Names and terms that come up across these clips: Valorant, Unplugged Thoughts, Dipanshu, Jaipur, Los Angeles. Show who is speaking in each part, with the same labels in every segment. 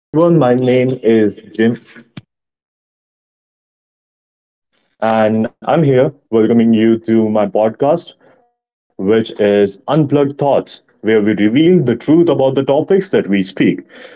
Speaker 1: Hello, everyone. My name is Jim, and I'm here welcoming you to my podcast, which is Unplugged Thoughts, where we reveal the truth about the topics that we speak.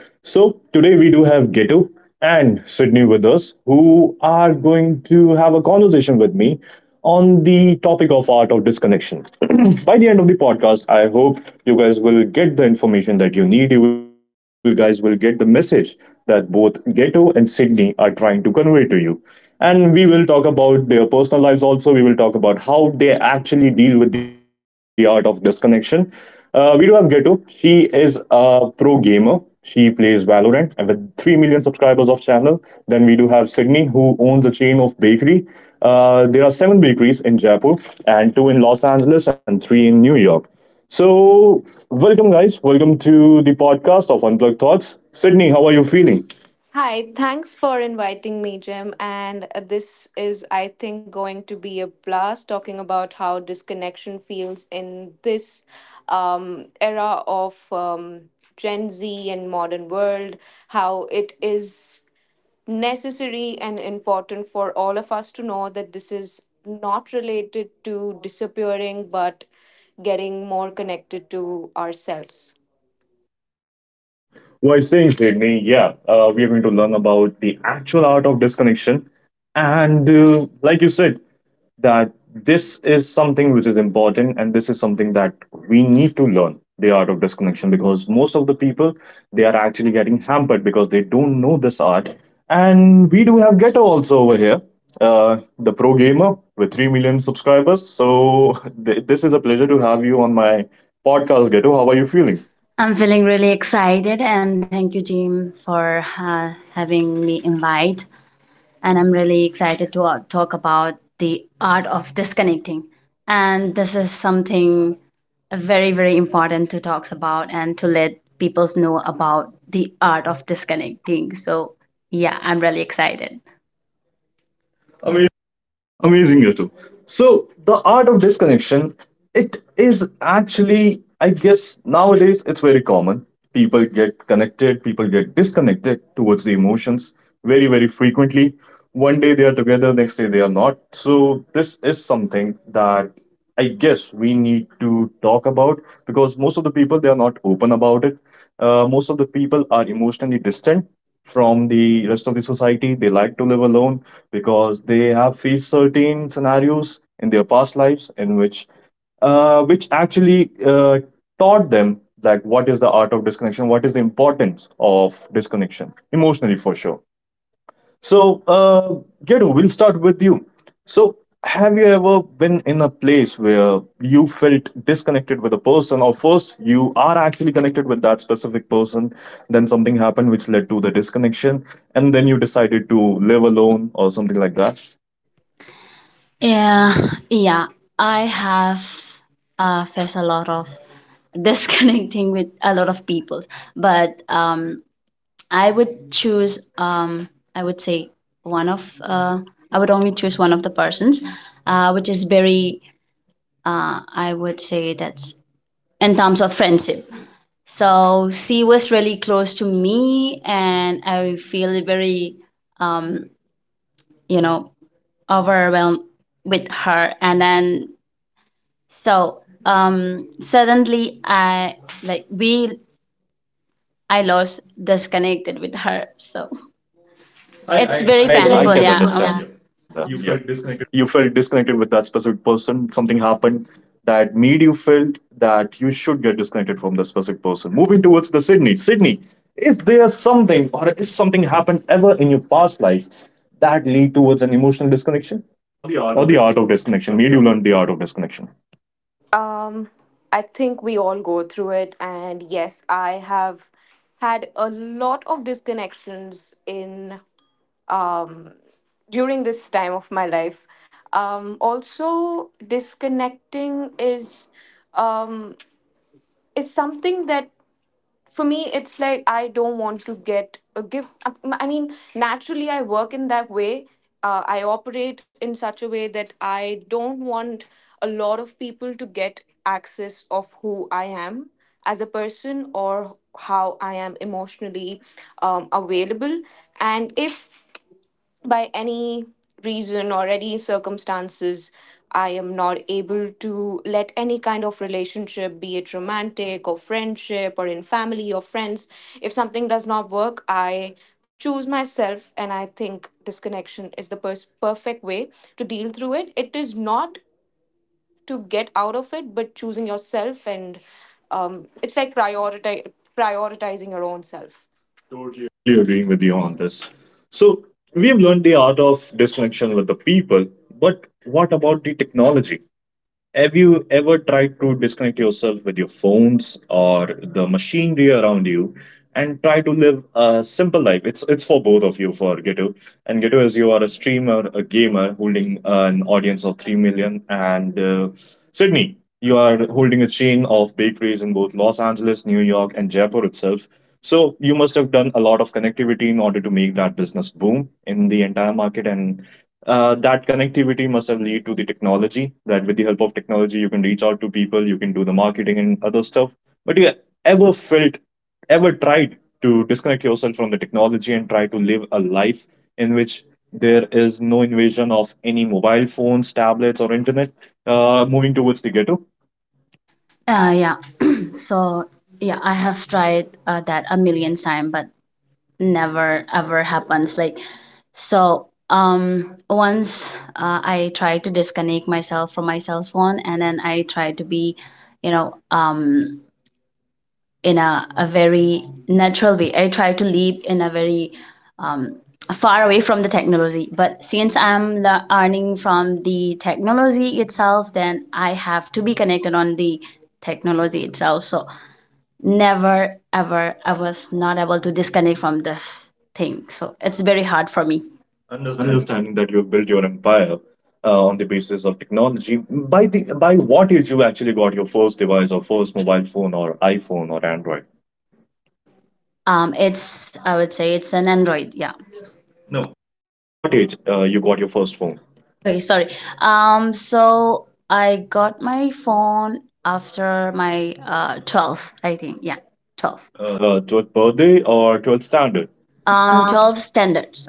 Speaker 1: So today we do have Geto and Sydney with us, who are going to have a conversation with me on the topic of art of disconnection. By the end of the podcast, I hope you guys will get the information that you need. You will guys will get the message that both Geto and Sydney are trying to convey to you. And we will talk about their personal lives also. We will talk about how they actually deal with the art of disconnection. We do have Ghetto. She is a pro gamer. She plays Valorant and with 3 million subscribers of channel. Then we do have Sydney, who owns a chain of bakery. There are seven bakeries in Jaipur and two in Los Angeles and three in New York. So, welcome, guys. Welcome to the podcast of Unplugged Thoughts. Sydney, how are you feeling?
Speaker 2: Hi, thanks for inviting me, Jim. And this is, I think, going to be a blast talking about how disconnection feels in this era of Gen Z and modern world, how it is necessary and important for all of us to know that this is not related to disappearing, but getting more connected to ourselves.
Speaker 1: Why saying, Sydney? Yeah, we are going to learn about the actual art of disconnection. And like you said, that this is something which is important and this is something that we need to learn the art of disconnection because most of the people they are actually getting hampered because they don't know this art, and we do have ghetto also over here, the pro gamer with 3 million subscribers. So this is a pleasure to have you on my podcast, ghetto. How are you feeling?
Speaker 3: I'm feeling really excited, and thank you, Jim, for having me invite. And I'm really excited to talk about the art of disconnecting. And this is something very, very important to talk about and to let people know about the art of disconnecting. So, yeah, I'm really excited.
Speaker 1: Amazing, you two. So the art of disconnection, it is actually, I guess nowadays it's very common. People get connected, people get disconnected towards the emotions very, very frequently. One day they are together, next day they are not. So this is something that I guess we need to talk about because most of the people they are not open about it. Most of the people are emotionally distant from the rest of the society. They like to live alone because they have faced certain scenarios in their past lives in which which actually taught them like what is the art of disconnection, what is the importance of disconnection emotionally for sure. So, Gedu, we'll start with you. So, have you ever been in a place where you felt disconnected with a person, or first you are actually connected with that specific person, then something happened which led to the disconnection, and then you decided to live alone or something like that?
Speaker 3: Yeah, yeah. I have faced a lot of disconnecting with a lot of people, but I would choose. I would say one of. I would only choose one of the persons, which is very. I would say that's in terms of friendship. So she was really close to me, and I feel very, you know, overwhelmed with her. And then so suddenly I like we. I lost disconnected with her, so I, it's I,
Speaker 1: I,
Speaker 3: very I
Speaker 1: I, I
Speaker 3: painful.
Speaker 1: can
Speaker 3: Yeah.
Speaker 1: understand yeah. that. Yeah.
Speaker 3: You felt
Speaker 1: You
Speaker 3: disconnected.
Speaker 1: felt disconnected with that specific person. Something happened that made you felt that you should get disconnected from the specific person. Moving towards the Sydney. Sydney, is there something or is something happened ever in your past life that lead towards an emotional disconnection?
Speaker 2: Or the art
Speaker 1: Or
Speaker 2: of
Speaker 1: the
Speaker 2: it.
Speaker 1: art of
Speaker 2: We do
Speaker 1: disconnection?
Speaker 2: learn
Speaker 1: Made
Speaker 2: the
Speaker 1: you learn the art of disconnection?
Speaker 2: Um, I think we all go through it, and yes, I have had a lot of disconnections in um during this time of my life. Also, disconnecting um is something that for me it's like I don't want to get a gift. I mean, naturally I work in that way. I operate in such a way that I don't want a lot of people to get access of who I am as a person, or how I am emotionally available. And if by any reason or any circumstances I am not able to let any kind of relationship, be it romantic or friendship or in family or friends, if something does not work, I choose myself. And I think disconnection is the perfect way to deal through it. It is not to get out of it, but choosing yourself. And it's like prioritizing your own self. Totally.
Speaker 1: Totally agreeing with you on this. So we have learned the art of disconnection with the people, but what about the technology? Have you ever tried to disconnect yourself with your phones or the machinery around you and try to live a simple life? It's for both of you, for Gitu. And Gitu, as you are a streamer, a gamer holding an audience of 3 million, and Sydney. You are holding a chain of bakeries in both Los Angeles, New York, and Jaipur itself. So you must have done a lot of connectivity in order to make that business boom in the entire market, and that connectivity must have led to the technology. That with the help of technology, you can reach out to people, you can do the marketing and other stuff. But you ever felt, ever tried to disconnect yourself from the technology and try to live a life in which there is no invasion of any mobile phones, tablets, or internet? Moving towards the ghetto,
Speaker 3: Yeah. So yeah, I have tried that a million time, but never ever happens. Like so, once I tried to disconnect myself from my cell phone, and then I tried to be, you know, in a very natural way. I tried to live in a very far away from the technology. But since I'm earning from the technology itself, then I have to be connected on the technology itself. So never ever I was not able to disconnect from this thing, so it's very hard for me. Understand.
Speaker 1: understanding that you've built your empire on the basis of technology. By the by, what age you actually got your first device or first mobile phone or iPhone or Android?
Speaker 3: It's, I would say, it's an Android. Yeah. No.
Speaker 1: By what age you got your first phone?
Speaker 3: Okay, sorry. So I got my phone after my 12, I think. Yeah. 12.
Speaker 1: 12th birthday or 12th standard?
Speaker 3: Um, 12 standards.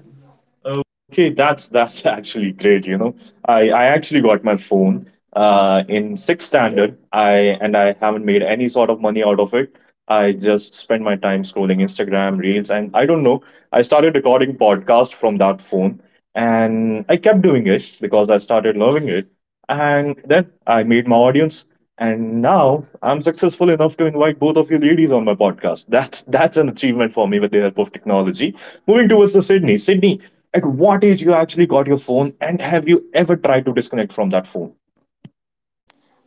Speaker 3: Oh,
Speaker 1: Okay, that's actually great. You know, I actually got my phone in 6th standard. I and I haven't made any sort of money out of it. I just spend my time scrolling Instagram reels, and I don't know. I started recording podcast from that phone, and I kept doing it because I started loving it. And then I made my audience. And now I'm successful enough to invite both of you ladies on my podcast. That's an achievement for me with the help of technology. Moving towards the Sydney. Sydney, at what age you actually got your phone and have you ever tried to disconnect from that phone?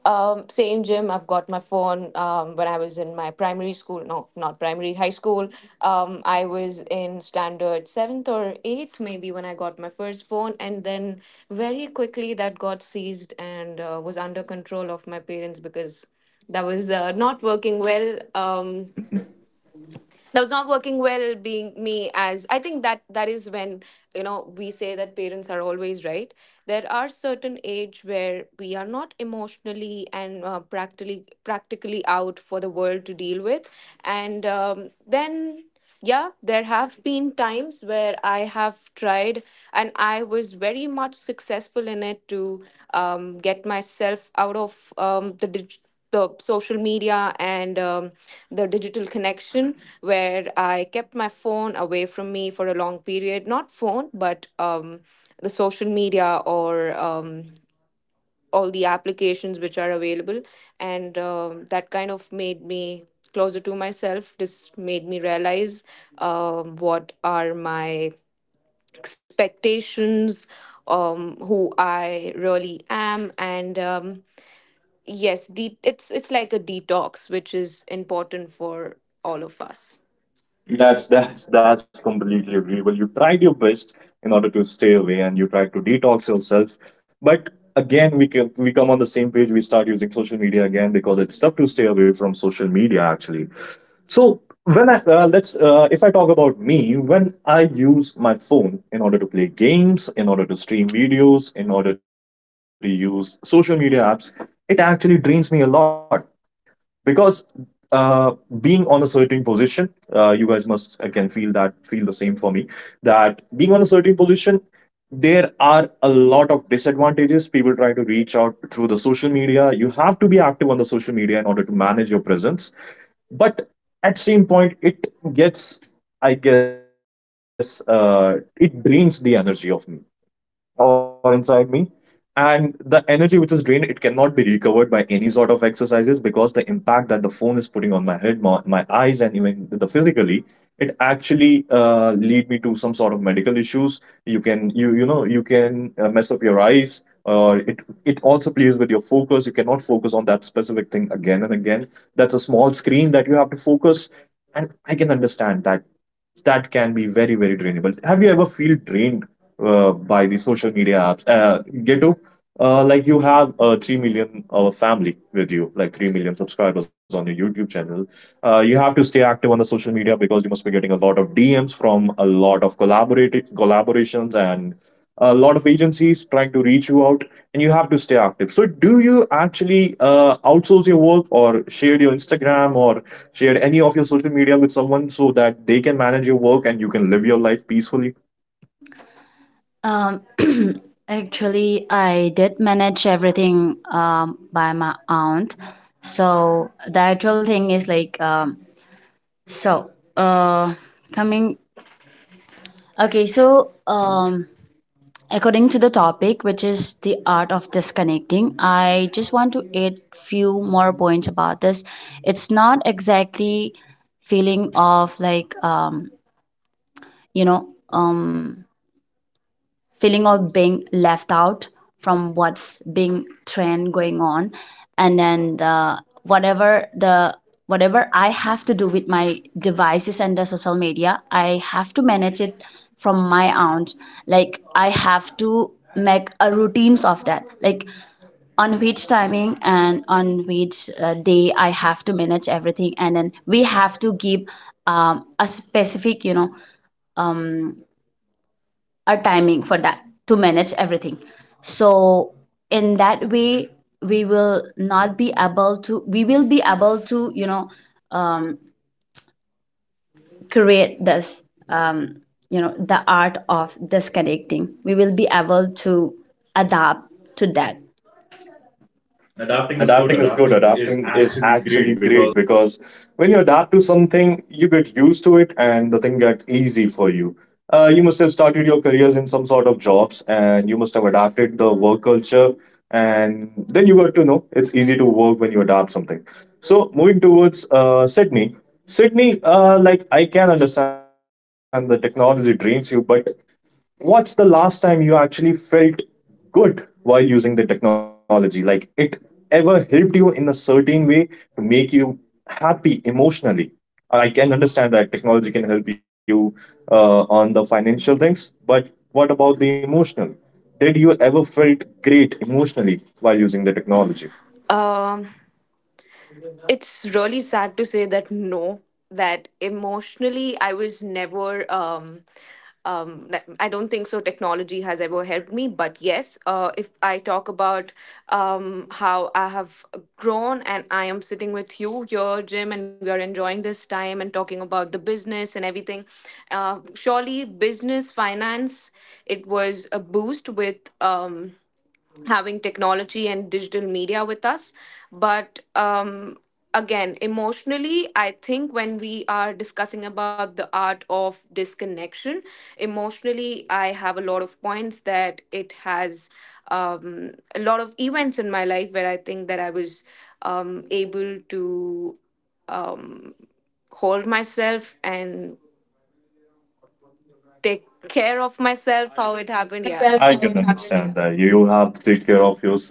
Speaker 2: Same, gym. I've got my phone. When I was in my primary school, no, not primary, high school. I was in standard seventh or eighth, maybe, when I got my first phone. And then very quickly that got seized and was under control of my parents because that was not working well. That was not working well being me, as I think that is when, you know, we say that parents are always right. There are certain age where we are not emotionally and practically out for the world to deal with. And then yeah, there have been times where I have tried, and I was very much successful in it, to get myself out of the the social media and the digital connection, where I kept my phone away from me for a long period. Not phone, but the social media or all the applications which are available. And that kind of made me closer to myself. This made me realize what are my expectations, who I really am. And yes, it's like a detox, which is important for all of us. That's that.
Speaker 1: That's completely agreeable. You tried your best in order to stay away and you tried to detox yourself. But again we can we come on the same page, we start using social media again because it's tough to stay away from social media actually. So when I let's if I talk about me, when I use my phone in order to play games, in order to stream videos, in order to use social media apps, it actually drains me a lot because uh, being on a certain position, you guys must again feel that feel the same for me that being on a certain position. There are a lot of disadvantages. People try to reach out through the social media. You have to be active on the social media in order to manage your presence, but at same point it gets, I guess, it drains the energy of me or inside me, and the energy which is drained it cannot be recovered by any sort of exercises because the impact that the phone is putting on my head, my eyes and even the physically, it actually lead me to some sort of medical issues. You can you you know you can mess up your eyes, or it also plays with your focus. You cannot focus on that specific thing again and again. That's a small screen that you have to focus, and I can understand that that can be very, very drainable. Have you ever feel drained by the social media apps, ghetto? Like you have 3 million family with you, like 3 million subscribers on your youtube channel. You have to stay active on the social media because you must be getting a lot of dms from a lot of collaborative collaborations and a lot of agencies trying to reach you out, and you have to stay active. So do you actually outsource your work or share your instagram or share any of your social media with someone so that they can manage your work and you can live your life peacefully?
Speaker 3: um actually I did manage everything by my aunt. So the actual thing is like um. So, uh, coming. Okay, so according to the topic, which is the art of disconnecting, I just want to add few more points about this. It's not exactly feeling of like you know feeling of being left out from what's being trend going on. And then the whatever I have to do with my devices and the social media, I have to manage it from my aunt. Like I have to make a routines of that, like on which timing and on which day I have to manage everything. And then we have to give a specific, you know, our timing for that to manage everything. So in that way we will not be able to we will be able to, you know, create this um, you know, the art of disconnecting, we will be able to adapt to that. Adapting is good.
Speaker 1: Adapting is good.
Speaker 3: Adapting is
Speaker 1: Adapting is
Speaker 3: actually
Speaker 1: actually
Speaker 3: great because
Speaker 1: great because when you adapt to something, you get used to it and the thing get easy for you. You must have started your careers in some sort of jobs and you must have adapted the work culture and then you got to know it's easy to work when you adapt something. So moving towards Sydney. Sydney, like I can understand the technology drains you, but what's the last time you actually felt good while using the technology? Like it ever helped you in a certain way to make you happy emotionally? I can understand that technology can help you on the financial things, but what about the emotional? Did you ever felt great emotionally while using the technology?
Speaker 2: um it's really sad to say that no, that emotionally I was never I don't think so technology has ever helped me. But yes, if I talk about how I have grown and I am sitting with you here, Jim, and we are enjoying this time and talking about the business and everything, surely business finance, it was a boost with having technology and digital media with us. But again, emotionally, I think when we are discussing about the art of disconnection, emotionally, I have a lot of points that it has a lot of events in my life where I think that I was able to um, hold myself and take care of myself, how
Speaker 1: I
Speaker 2: it
Speaker 1: can
Speaker 2: happened. Yeah.
Speaker 1: understand that. You have to take care of yourself and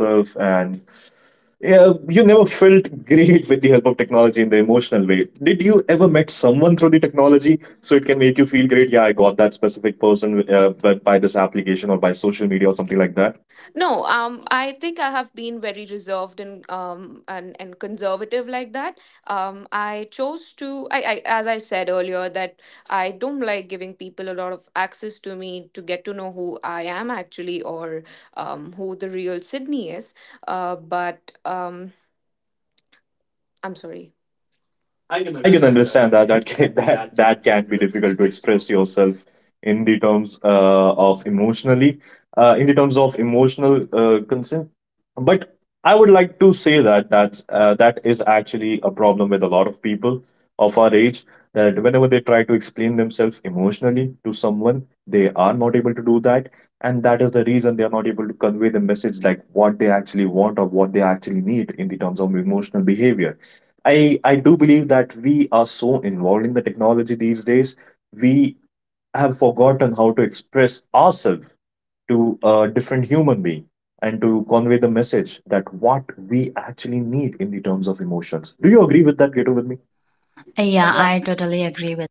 Speaker 1: yeah, you never felt great with the help of technology in the emotional way. Did you ever met someone through the technology so it can make you feel great? Yeah, I got that specific person by this application or by social media or something like that.
Speaker 2: No, I think I have been very reserved and and conservative like that. I chose to I, as I said earlier, that I don't like giving people a lot of access to me to get to know who I am actually, or who the real Sydney is. But I'm sorry. I can
Speaker 1: I can
Speaker 2: understand that.
Speaker 1: understand
Speaker 2: That
Speaker 1: that that
Speaker 2: can,
Speaker 1: can,
Speaker 2: that
Speaker 1: that
Speaker 2: that
Speaker 1: that
Speaker 2: can be
Speaker 1: can be
Speaker 2: difficult to
Speaker 1: difficult to
Speaker 2: express
Speaker 1: express
Speaker 2: yourself.
Speaker 1: yourself in the terms of emotionally in the terms of emotional concern. But I would like to say that that is actually a problem with a lot of people of our age that whenever they try to explain themselves emotionally to someone, they are not able to do that, and that is the reason they are not able to convey the message like what they actually want or what they actually need in the terms of emotional behavior. I do believe that we are so involved in the technology these days. We have forgotten how to express ourselves to a different human being and to convey the message that what we actually need in the terms of emotions. Do you agree with that, Gato, with me?
Speaker 3: yeah, I totally agree with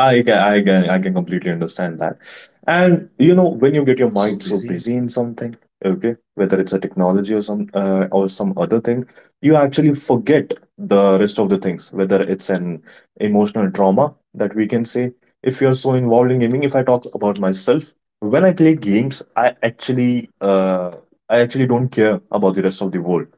Speaker 1: I can completely understand that. And you know, when you get your mind so busy in something, okay, whether it's a technology or some other thing, you actually forget the rest of the things. Whether it's an emotional trauma that we can say, if you're so involved in gaming. If I talk about myself, when I play games, I actually don't care about the rest of the world.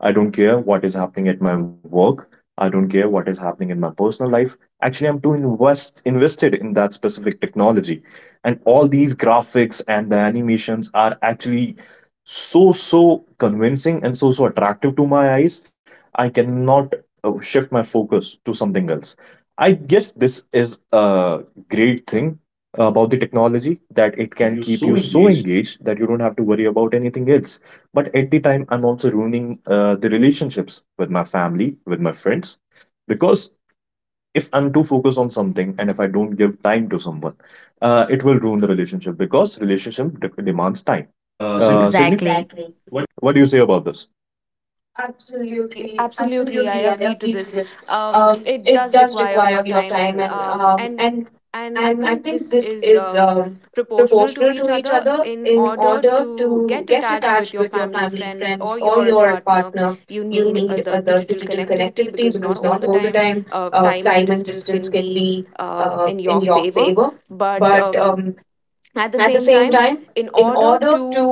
Speaker 1: I don't care what is happening at my work. I don't care what is happening in my personal life. Actually, I'm too invested in that specific technology, and all these graphics and the animations are actually so convincing and so attractive to my eyes. I cannot shift my focus to something else. I guess this is a great thing about the technology,
Speaker 3: it,
Speaker 1: that
Speaker 3: can
Speaker 1: it
Speaker 3: keep
Speaker 1: can
Speaker 3: you
Speaker 1: keep you
Speaker 3: so
Speaker 1: so
Speaker 3: engaged.
Speaker 1: engaged that you don't have to worry about anything else. But at the time I'm also ruining the relationships with my family, with my friends, because if I'm too focused on something and if I don't give time to someone, it will ruin the relationship because relationship demands time.
Speaker 3: So
Speaker 1: Sydney,
Speaker 3: exactly what
Speaker 1: what do you say about this? Absolutely,
Speaker 2: Absolutely, absolutely,
Speaker 1: absolutely, I
Speaker 2: I agree
Speaker 1: agree
Speaker 2: to
Speaker 1: to
Speaker 2: this.
Speaker 1: this. It
Speaker 2: It
Speaker 1: does
Speaker 2: does
Speaker 1: require
Speaker 2: require
Speaker 1: your
Speaker 2: your
Speaker 1: time,
Speaker 2: time.
Speaker 1: and
Speaker 2: And
Speaker 1: um, and and
Speaker 2: and
Speaker 1: I
Speaker 2: I
Speaker 1: think
Speaker 2: think
Speaker 1: this
Speaker 2: this
Speaker 1: is
Speaker 2: is
Speaker 1: proportional
Speaker 2: proportional
Speaker 1: to
Speaker 2: to
Speaker 1: each
Speaker 2: each
Speaker 1: other
Speaker 2: other.
Speaker 1: in
Speaker 2: In
Speaker 1: order
Speaker 2: order
Speaker 1: to
Speaker 2: to
Speaker 1: get
Speaker 2: get
Speaker 1: attached
Speaker 2: attached
Speaker 1: with
Speaker 2: with your
Speaker 1: your family,
Speaker 2: family,
Speaker 1: friends,
Speaker 2: friends, or
Speaker 1: or your
Speaker 2: your partner,
Speaker 1: partner.
Speaker 2: you
Speaker 1: You
Speaker 2: need
Speaker 1: need the
Speaker 2: the digital
Speaker 1: digital connectivity
Speaker 2: connectivity, because
Speaker 1: because
Speaker 2: not
Speaker 1: not all
Speaker 2: all the
Speaker 1: the
Speaker 2: time,
Speaker 1: time time
Speaker 2: time
Speaker 1: and
Speaker 2: and
Speaker 1: distance
Speaker 2: distance
Speaker 1: can
Speaker 2: can be
Speaker 1: be in
Speaker 2: in
Speaker 1: your
Speaker 2: your
Speaker 1: favor.
Speaker 2: favor.
Speaker 1: But
Speaker 2: But
Speaker 1: um, at
Speaker 2: at
Speaker 1: the
Speaker 2: the
Speaker 1: same
Speaker 2: same
Speaker 1: time,
Speaker 2: time,
Speaker 1: in
Speaker 2: in
Speaker 1: order
Speaker 2: order
Speaker 1: to
Speaker 2: to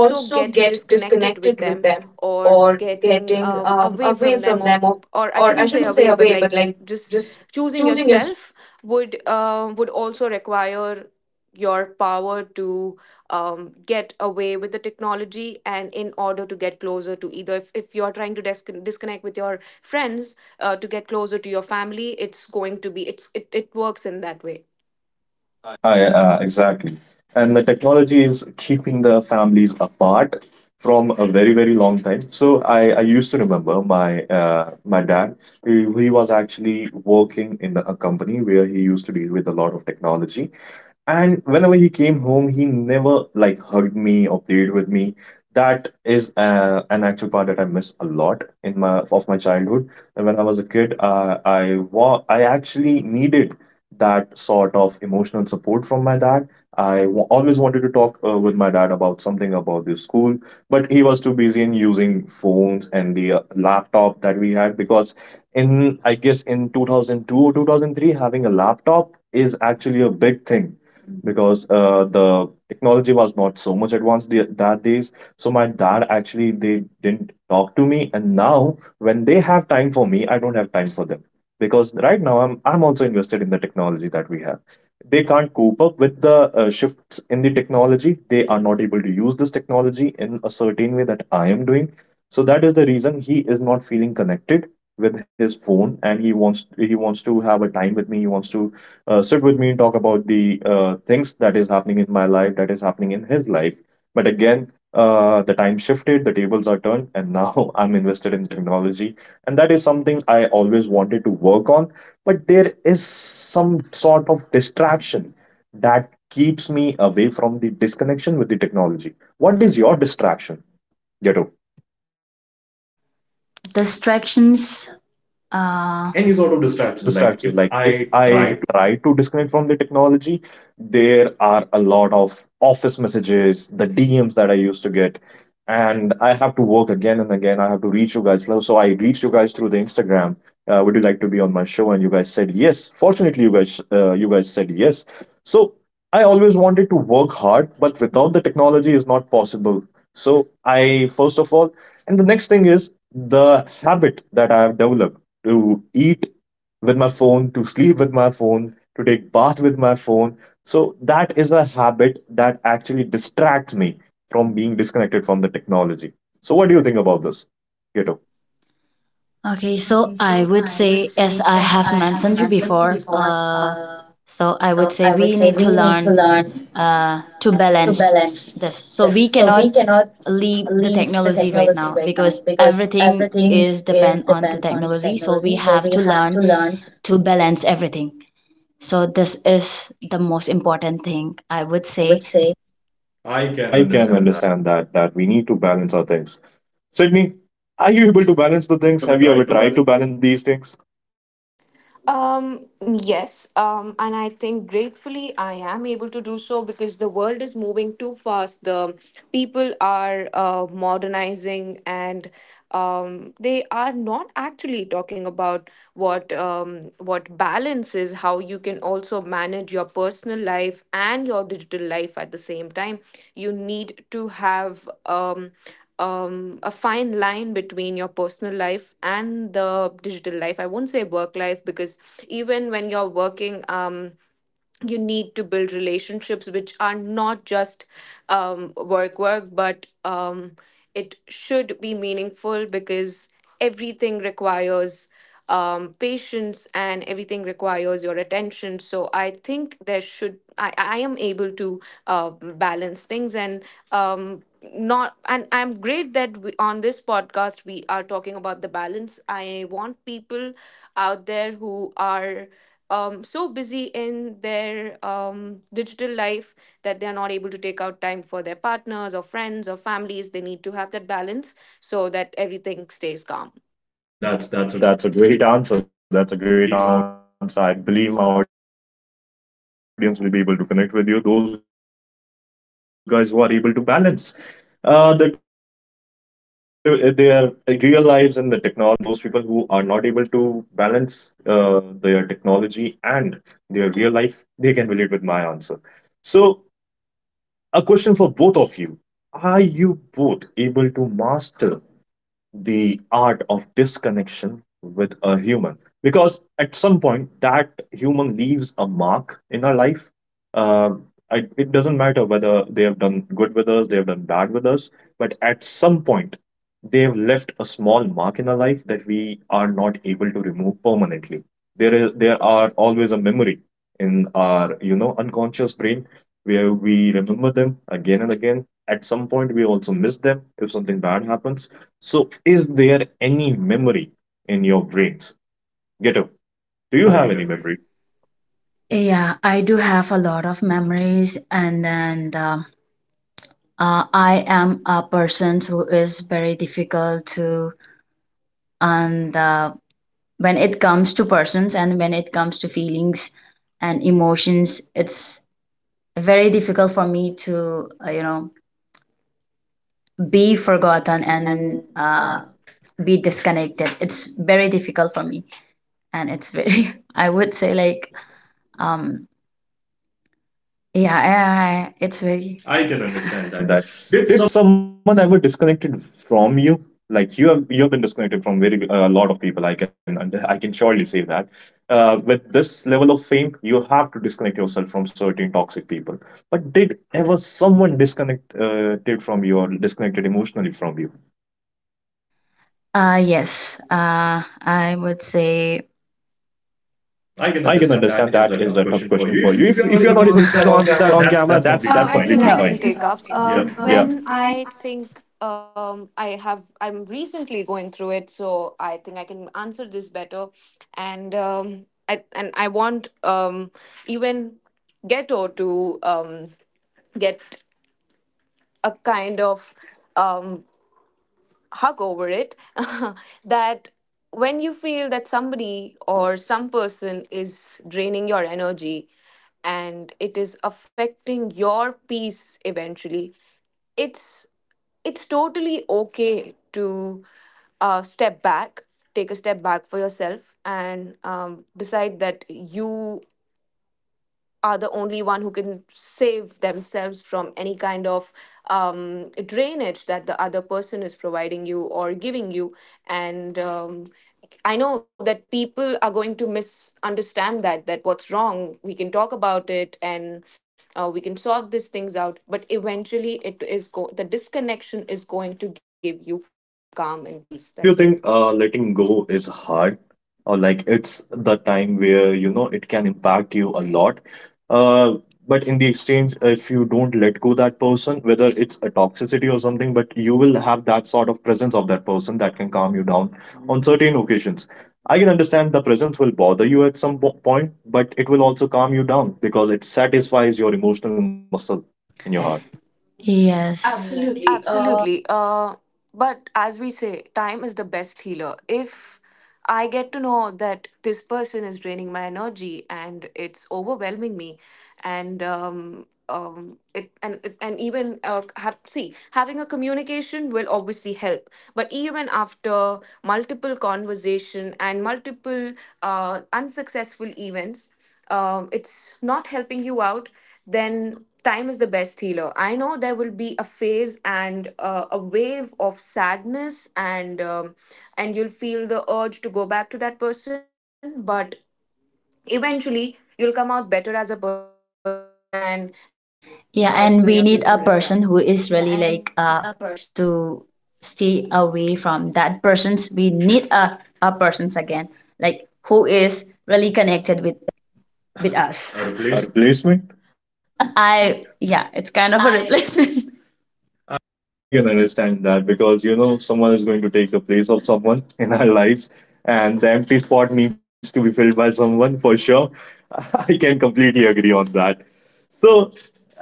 Speaker 1: also
Speaker 2: also get
Speaker 1: get
Speaker 2: disconnected
Speaker 1: disconnected
Speaker 2: with
Speaker 1: with
Speaker 2: them,
Speaker 1: them,
Speaker 2: or
Speaker 1: or
Speaker 2: getting
Speaker 1: getting
Speaker 2: away
Speaker 1: away
Speaker 2: from them,
Speaker 1: from
Speaker 2: or
Speaker 1: them, or,
Speaker 2: or I
Speaker 1: or i
Speaker 2: shouldn't say
Speaker 1: shouldn't say
Speaker 2: away but
Speaker 1: away but
Speaker 2: like
Speaker 1: like
Speaker 2: just
Speaker 1: just
Speaker 2: choosing
Speaker 1: choosing your—
Speaker 2: yourself, would also require your power to get away with the technology, and in order to get closer to either, if you're trying to disconnect with your friends to get closer to your family, it's going to be, it works in that way.
Speaker 1: I, exactly. And the technology is keeping the families apart from a very, very long time. So I used to remember my my dad. He was actually working in a company where he used to deal with a lot of technology. And whenever he came home, he never like hugged me or played with me. That is an actual part that I miss a lot in my of my childhood. And when I was a kid, I actually needed that sort of emotional support from my dad. Always wanted to talk with my dad about something about the school, but he was too busy in using phones and the laptop that we had because in I guess in 2002 or 2003 having a laptop is actually a big thing because the technology was not so much advanced the, that days. So my dad actually, they didn't talk to me, and now when they have time for me I don't have time for them because right now I'm also invested in the technology that we have. They can't cope up with the shifts in the technology. They are not able to use this technology in a certain way that I am doing. So that is the reason he is not feeling connected with his phone, and he wants to have a time with me. He wants to sit with me and talk about the things that is happening in my life, that is happening in his life. But again, the time shifted, the tables are turned, and now I'm invested in technology. And that is something I always wanted to work on. But there is some sort of distraction that keeps me away from the disconnection with the technology. What is your distraction, Yato?
Speaker 3: distractions? Any sort of
Speaker 1: Any sort of
Speaker 3: distractions, like
Speaker 1: distractions,
Speaker 3: if
Speaker 1: like if
Speaker 3: I
Speaker 1: I
Speaker 3: try.
Speaker 1: try to disconnect from the technology, there are a lot of office messages, the DMs that I used to get, and I have to work again and again. I have to reach you guys, so I reached you guys through the Instagram. Would you like to be on my show? And you guys said yes. Fortunately, you guys said yes. So I always wanted to work hard, but without the technology is not possible. So I, first of all, and the next thing is the habit that I have developed to eat with my phone, to sleep with my phone, to take bath with my phone. So that is a habit that actually distracts me from being disconnected from the technology. So what do you think about this, Keto?
Speaker 3: Okay, so I would say, as I have mentioned you before, so I would say we need to learn to balance this. So we cannot leave the technology right now because everything is depend on the technology. So we have to learn to balance everything. So this is the most important thing I would say. I can
Speaker 1: I can
Speaker 3: understand that.
Speaker 1: understand that, that we need to balance our things. Sydney, are you able to balance the
Speaker 2: Have
Speaker 1: things?
Speaker 2: you
Speaker 1: Have
Speaker 2: ever
Speaker 1: you ever
Speaker 2: tried to
Speaker 1: tried to
Speaker 2: balance.
Speaker 1: balance these things?
Speaker 2: Yes, and I think gratefully I am able to do so, because the world is moving too fast. The people are modernizing and they are not actually talking about what, what balances, how you can also manage your personal life and your digital life at the same time. You need to have a fine line between your personal life and the digital life. I won't say work life, because even when you're working, you need to build relationships which are not just work but it should be meaningful, because everything requires patience, and everything requires your attention. So I think there should, I am able to balance things. And um, not and I'm great that on this podcast we are talking about the balance. I want people out there who are so busy in their digital life that they are not able to take out time for their partners or friends or families. They need to have that balance so that everything stays calm.
Speaker 3: That's a
Speaker 1: That's a great answer. That's a great
Speaker 3: I
Speaker 1: answer. I
Speaker 3: believe. Now,
Speaker 1: believe my audience will be able to connect with you. Those guys who are able to balance their real lives and the technology, that is that those people can relate with your answer, and those people who are not able to balance their technology and their real life, they can relate with my answer. So, a question for both of you: are you both able to master the art of disconnection with a human, because at some point that human leaves a mark in our life. uh, it doesn't matter whether they have done good with us, they have done bad with us, but at some point they have left a small mark in our life that we are not able to remove permanently. There are always a memory in our you know unconscious brain where we remember them again and again. At some point we also miss them if something bad happens. So, is there any memory in your brains, Ghetto?
Speaker 3: do you
Speaker 1: Do you
Speaker 3: have any
Speaker 1: have any
Speaker 3: memory?
Speaker 1: memory?
Speaker 3: Yeah, I do have a lot of memories, and then I am a person who is very difficult to, and when it comes to persons and when it comes to feelings and emotions, it's very difficult for me to, you know, be forgotten and be disconnected. It's very difficult for me, and it's very, I would say, like, um, yeah, it's very. I can
Speaker 1: I can
Speaker 3: understand
Speaker 1: understand
Speaker 3: that.
Speaker 1: that.
Speaker 3: Did
Speaker 1: Did someone ever disconnected from you? Like, you have been disconnected from very a lot of people. I can surely say that with this level of fame you have to disconnect yourself from certain toxic people. But did ever someone disconnected from you or disconnected emotionally from you?
Speaker 3: uh, yes, I would say. I can
Speaker 1: I can
Speaker 3: understand
Speaker 1: understand
Speaker 3: that is
Speaker 1: that
Speaker 3: a
Speaker 1: is
Speaker 3: tough
Speaker 1: a tough
Speaker 3: question for
Speaker 1: question
Speaker 3: you.
Speaker 1: for you.
Speaker 3: If
Speaker 1: If
Speaker 3: you're
Speaker 1: if
Speaker 3: not
Speaker 1: you're
Speaker 3: able
Speaker 1: not
Speaker 3: to
Speaker 1: able to
Speaker 3: answer that
Speaker 1: answer
Speaker 3: on
Speaker 1: that on
Speaker 3: camera,
Speaker 1: camera,
Speaker 3: that's
Speaker 2: That's what.
Speaker 1: that's
Speaker 2: I
Speaker 1: completely
Speaker 3: completely
Speaker 2: think I
Speaker 3: no.
Speaker 2: can
Speaker 1: fine.
Speaker 2: take up.
Speaker 1: Yeah.
Speaker 2: When I think I have, I'm recently going through it, so I think I can answer this better. And I and I want even Ghetto to get a kind of um, hug over it that when you feel that somebody or some person is draining your energy, and it is affecting your peace eventually, it's it's totally okay to step back, take a step back for yourself and decide that you are the only one who can save themselves from any kind of drainage that the other person is providing you or giving you. And I know that people are going to misunderstand that, that what's wrong, we can talk about it and we can sort these things out, but eventually the disconnection is going to give you calm and peace, that's it.
Speaker 1: So don't you think letting go is hard, or like it's the time where you know it can impact you a lot? Uh, but in the exchange, if you don't let go that person, whether it's a toxicity or something, but you will have that sort of presence of that person that can calm you down on certain occasions. I can understand the presence will bother you at some point, but it will also calm you down because it satisfies your emotional muscle in your heart.
Speaker 3: Yes.
Speaker 2: Yes.
Speaker 3: Uh,
Speaker 2: Absolutely. But as we say, time is the best healer. If I get to know that this person is draining my energy and it's overwhelming me, and and even see, having a communication will obviously help. But even after multiple conversation and multiple unsuccessful events, it's not helping you out, then time is the best healer. I know there will be a phase and a wave of sadness, and you'll feel the urge to go back to that person, but eventually you'll come out better as a person, and this is going to help you in your
Speaker 3: yeah,
Speaker 2: future as
Speaker 3: and
Speaker 2: well.
Speaker 3: we need a
Speaker 2: Yeah,
Speaker 3: person
Speaker 2: and
Speaker 3: who
Speaker 2: we need
Speaker 3: is
Speaker 2: a
Speaker 3: really
Speaker 2: person.
Speaker 3: like to stay away from that person's. We need a person's again, like who is really connected with us. A
Speaker 1: A
Speaker 3: replacement.
Speaker 1: replacement?
Speaker 3: I yeah, it's
Speaker 2: I
Speaker 3: kind of a replacement.
Speaker 1: I can understand that, because you know someone is going to take the place of someone in our lives, and the empty spot needs to be filled by someone for sure. I can completely agree on that. So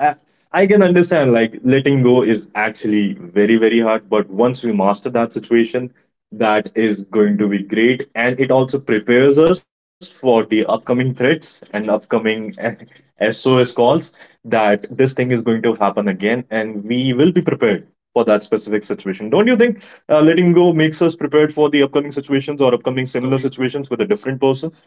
Speaker 1: I, I can understand, like, letting go is actually very very hard, but once we master that situation, that is going to be great, and it also prepares us for the upcoming threats and upcoming
Speaker 2: as
Speaker 1: SOS
Speaker 2: soon as
Speaker 1: calls,
Speaker 2: possible,
Speaker 1: that this thing is going to happen again, and we will be prepared for that specific situation. Don't you think letting go makes us prepared for the upcoming situations or
Speaker 2: our
Speaker 1: upcoming
Speaker 2: upcoming
Speaker 1: similar situations with a different person?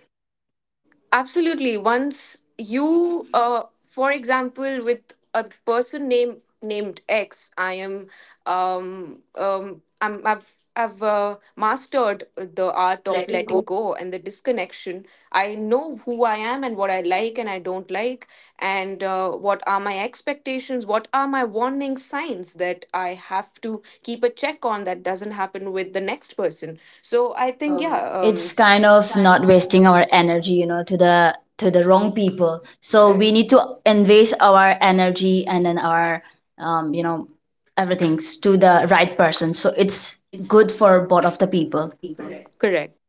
Speaker 2: Absolutely. Once you, for example, with a person named X, I am, I'm, I've mastered the
Speaker 1: Art
Speaker 2: art
Speaker 1: of
Speaker 2: of
Speaker 1: letting
Speaker 2: letting
Speaker 1: go.
Speaker 2: go and the disconnection. I know who I am and what I like and I don't like, and what are my expectations, what are my warning signs that I have to keep a check on that doesn't happen with the next person. So I think, yeah,
Speaker 3: It's kind
Speaker 2: it's
Speaker 3: of
Speaker 2: kind
Speaker 3: not
Speaker 2: of,
Speaker 3: wasting our energy, you know, to the wrong people. So we need to invest our energy and then our you know, everything to the right person, so it's
Speaker 2: so it's
Speaker 3: good for both of the people.
Speaker 2: the people. Correct.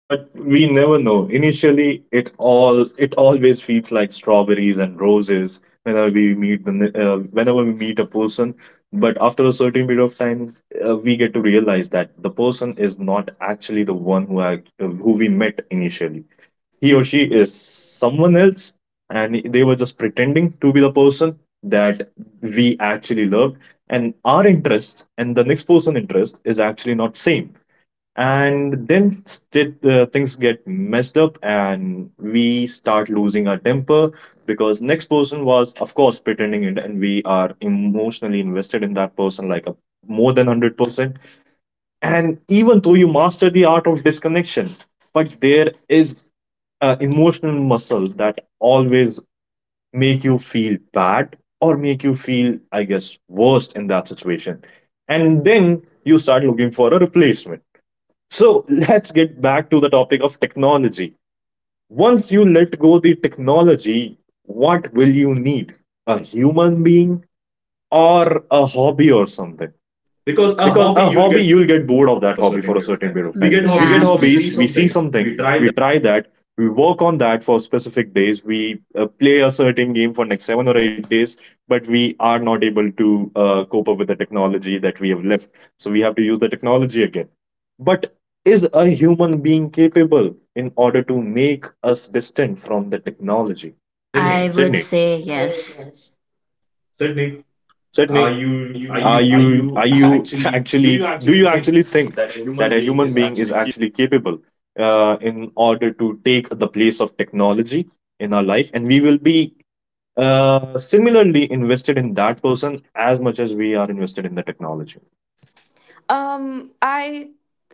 Speaker 1: But we never know. Initially, it always feels like strawberries and roses whenever we meet whenever we meet a person. But after a certain period of time, we get to realize that the person is not actually the one who who we met initially. He or she is someone else, and they were just pretending to be the person that we actually loved, and our interest and the next person interest is actually not same. And then things get messed up, and we start losing our temper because next person was of course pretending it, and we are emotionally invested in that person like a, more than 100%. And even though you master the art of disconnection, but there is an emotional muscle that always make you feel bad or make you feel I guess worst in that situation, and then you start looking for a replacement. So let's get back to the topic of technology. Once you let go the technology, what will you need? A human being or a hobby or something?
Speaker 3: Because a
Speaker 1: Because
Speaker 3: hobby,
Speaker 1: a
Speaker 3: you'll
Speaker 1: hobby,
Speaker 3: get
Speaker 1: you'll get bored of that
Speaker 3: for a
Speaker 1: hobby.
Speaker 3: certain
Speaker 1: For a
Speaker 3: period of
Speaker 1: certain
Speaker 3: time
Speaker 1: period of
Speaker 3: we mm,
Speaker 1: time
Speaker 3: get yeah,
Speaker 1: we get Yeah.
Speaker 3: hobbies. We see
Speaker 1: hobbies, we see
Speaker 3: something, we
Speaker 1: something,
Speaker 3: try
Speaker 1: we
Speaker 3: that.
Speaker 1: try that, we work on that for specific days, we play a certain game for next 7 or 8 days, but we are not able to cope up with the technology that we have left, so we have to use the technology again. But is a human being capable in order to make us distant from the technology?
Speaker 3: Sydney, I would say yes. Sydney,
Speaker 1: Certainly,
Speaker 3: are
Speaker 2: Are
Speaker 1: are
Speaker 3: you are you
Speaker 2: you,
Speaker 1: you
Speaker 2: are
Speaker 1: are
Speaker 2: you
Speaker 1: you
Speaker 2: actually,
Speaker 1: actually,
Speaker 2: do
Speaker 1: do
Speaker 2: you
Speaker 1: you
Speaker 2: actually
Speaker 1: actually
Speaker 2: think
Speaker 1: think
Speaker 2: that
Speaker 1: that
Speaker 2: a
Speaker 1: a
Speaker 2: human
Speaker 1: human
Speaker 2: being
Speaker 1: being
Speaker 2: is
Speaker 1: is
Speaker 2: actually
Speaker 1: actually capable in order to take the place of technology in our life, and we will be similarly invested in that person as much as we are invested in the technology?
Speaker 2: Um, I,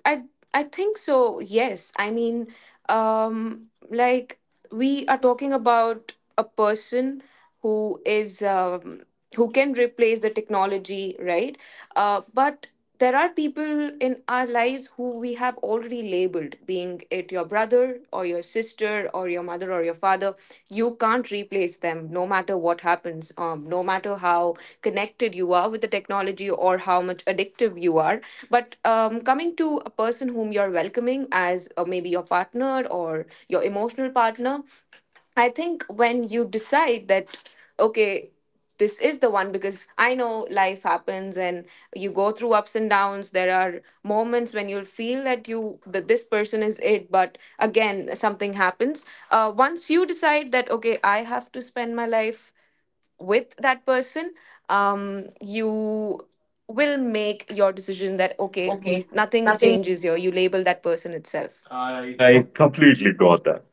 Speaker 2: I, I think so. Yes, I mean, like we are talking about a person who is who can replace the technology, right? But there are people in our lives who we have already labeled, being it your brother or your sister or your mother or your father. You can't replace them no matter what happens, no matter how connected you are with the technology or how much addictive you are. But coming to a person whom you're welcoming as maybe your partner or your emotional partner, I think when you decide that, okay, this is the one, because I know life happens and you go through ups and downs. There are moments when you'll feel that you that this person is it, but again something happens. Once you decide that, okay, I have to spend my life with that person, you will make your decision that
Speaker 1: That
Speaker 2: okay,
Speaker 1: okay,
Speaker 2: nothing
Speaker 1: nothing.
Speaker 2: changes here. You label that person itself.
Speaker 1: I completely got that.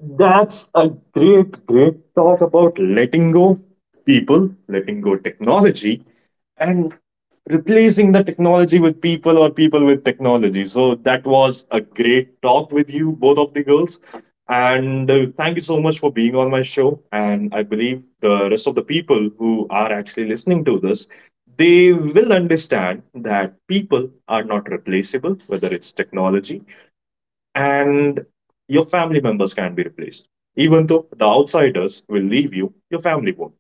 Speaker 1: That's a great, great talk about letting go people, letting go technology, and replacing the technology with people or people with technology. So that was a great talk with you, both of the girls. And thank you so much for being on my show. And I believe the rest of the people who are actually listening to this, they will understand that people are not replaceable, whether it's technology, and your family members can be replaced. Even though the outsiders will leave you, your family won't.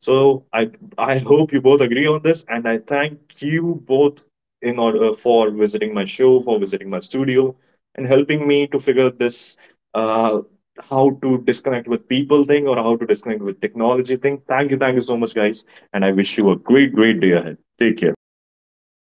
Speaker 1: So I hope you both agree on this, and I thank you both in order for visiting my show, for visiting my studio, and helping me to figure this uh, how to disconnect with people thing or how to disconnect with technology thing. Thank you so much, guys, and I wish you a great, great day ahead. Take care.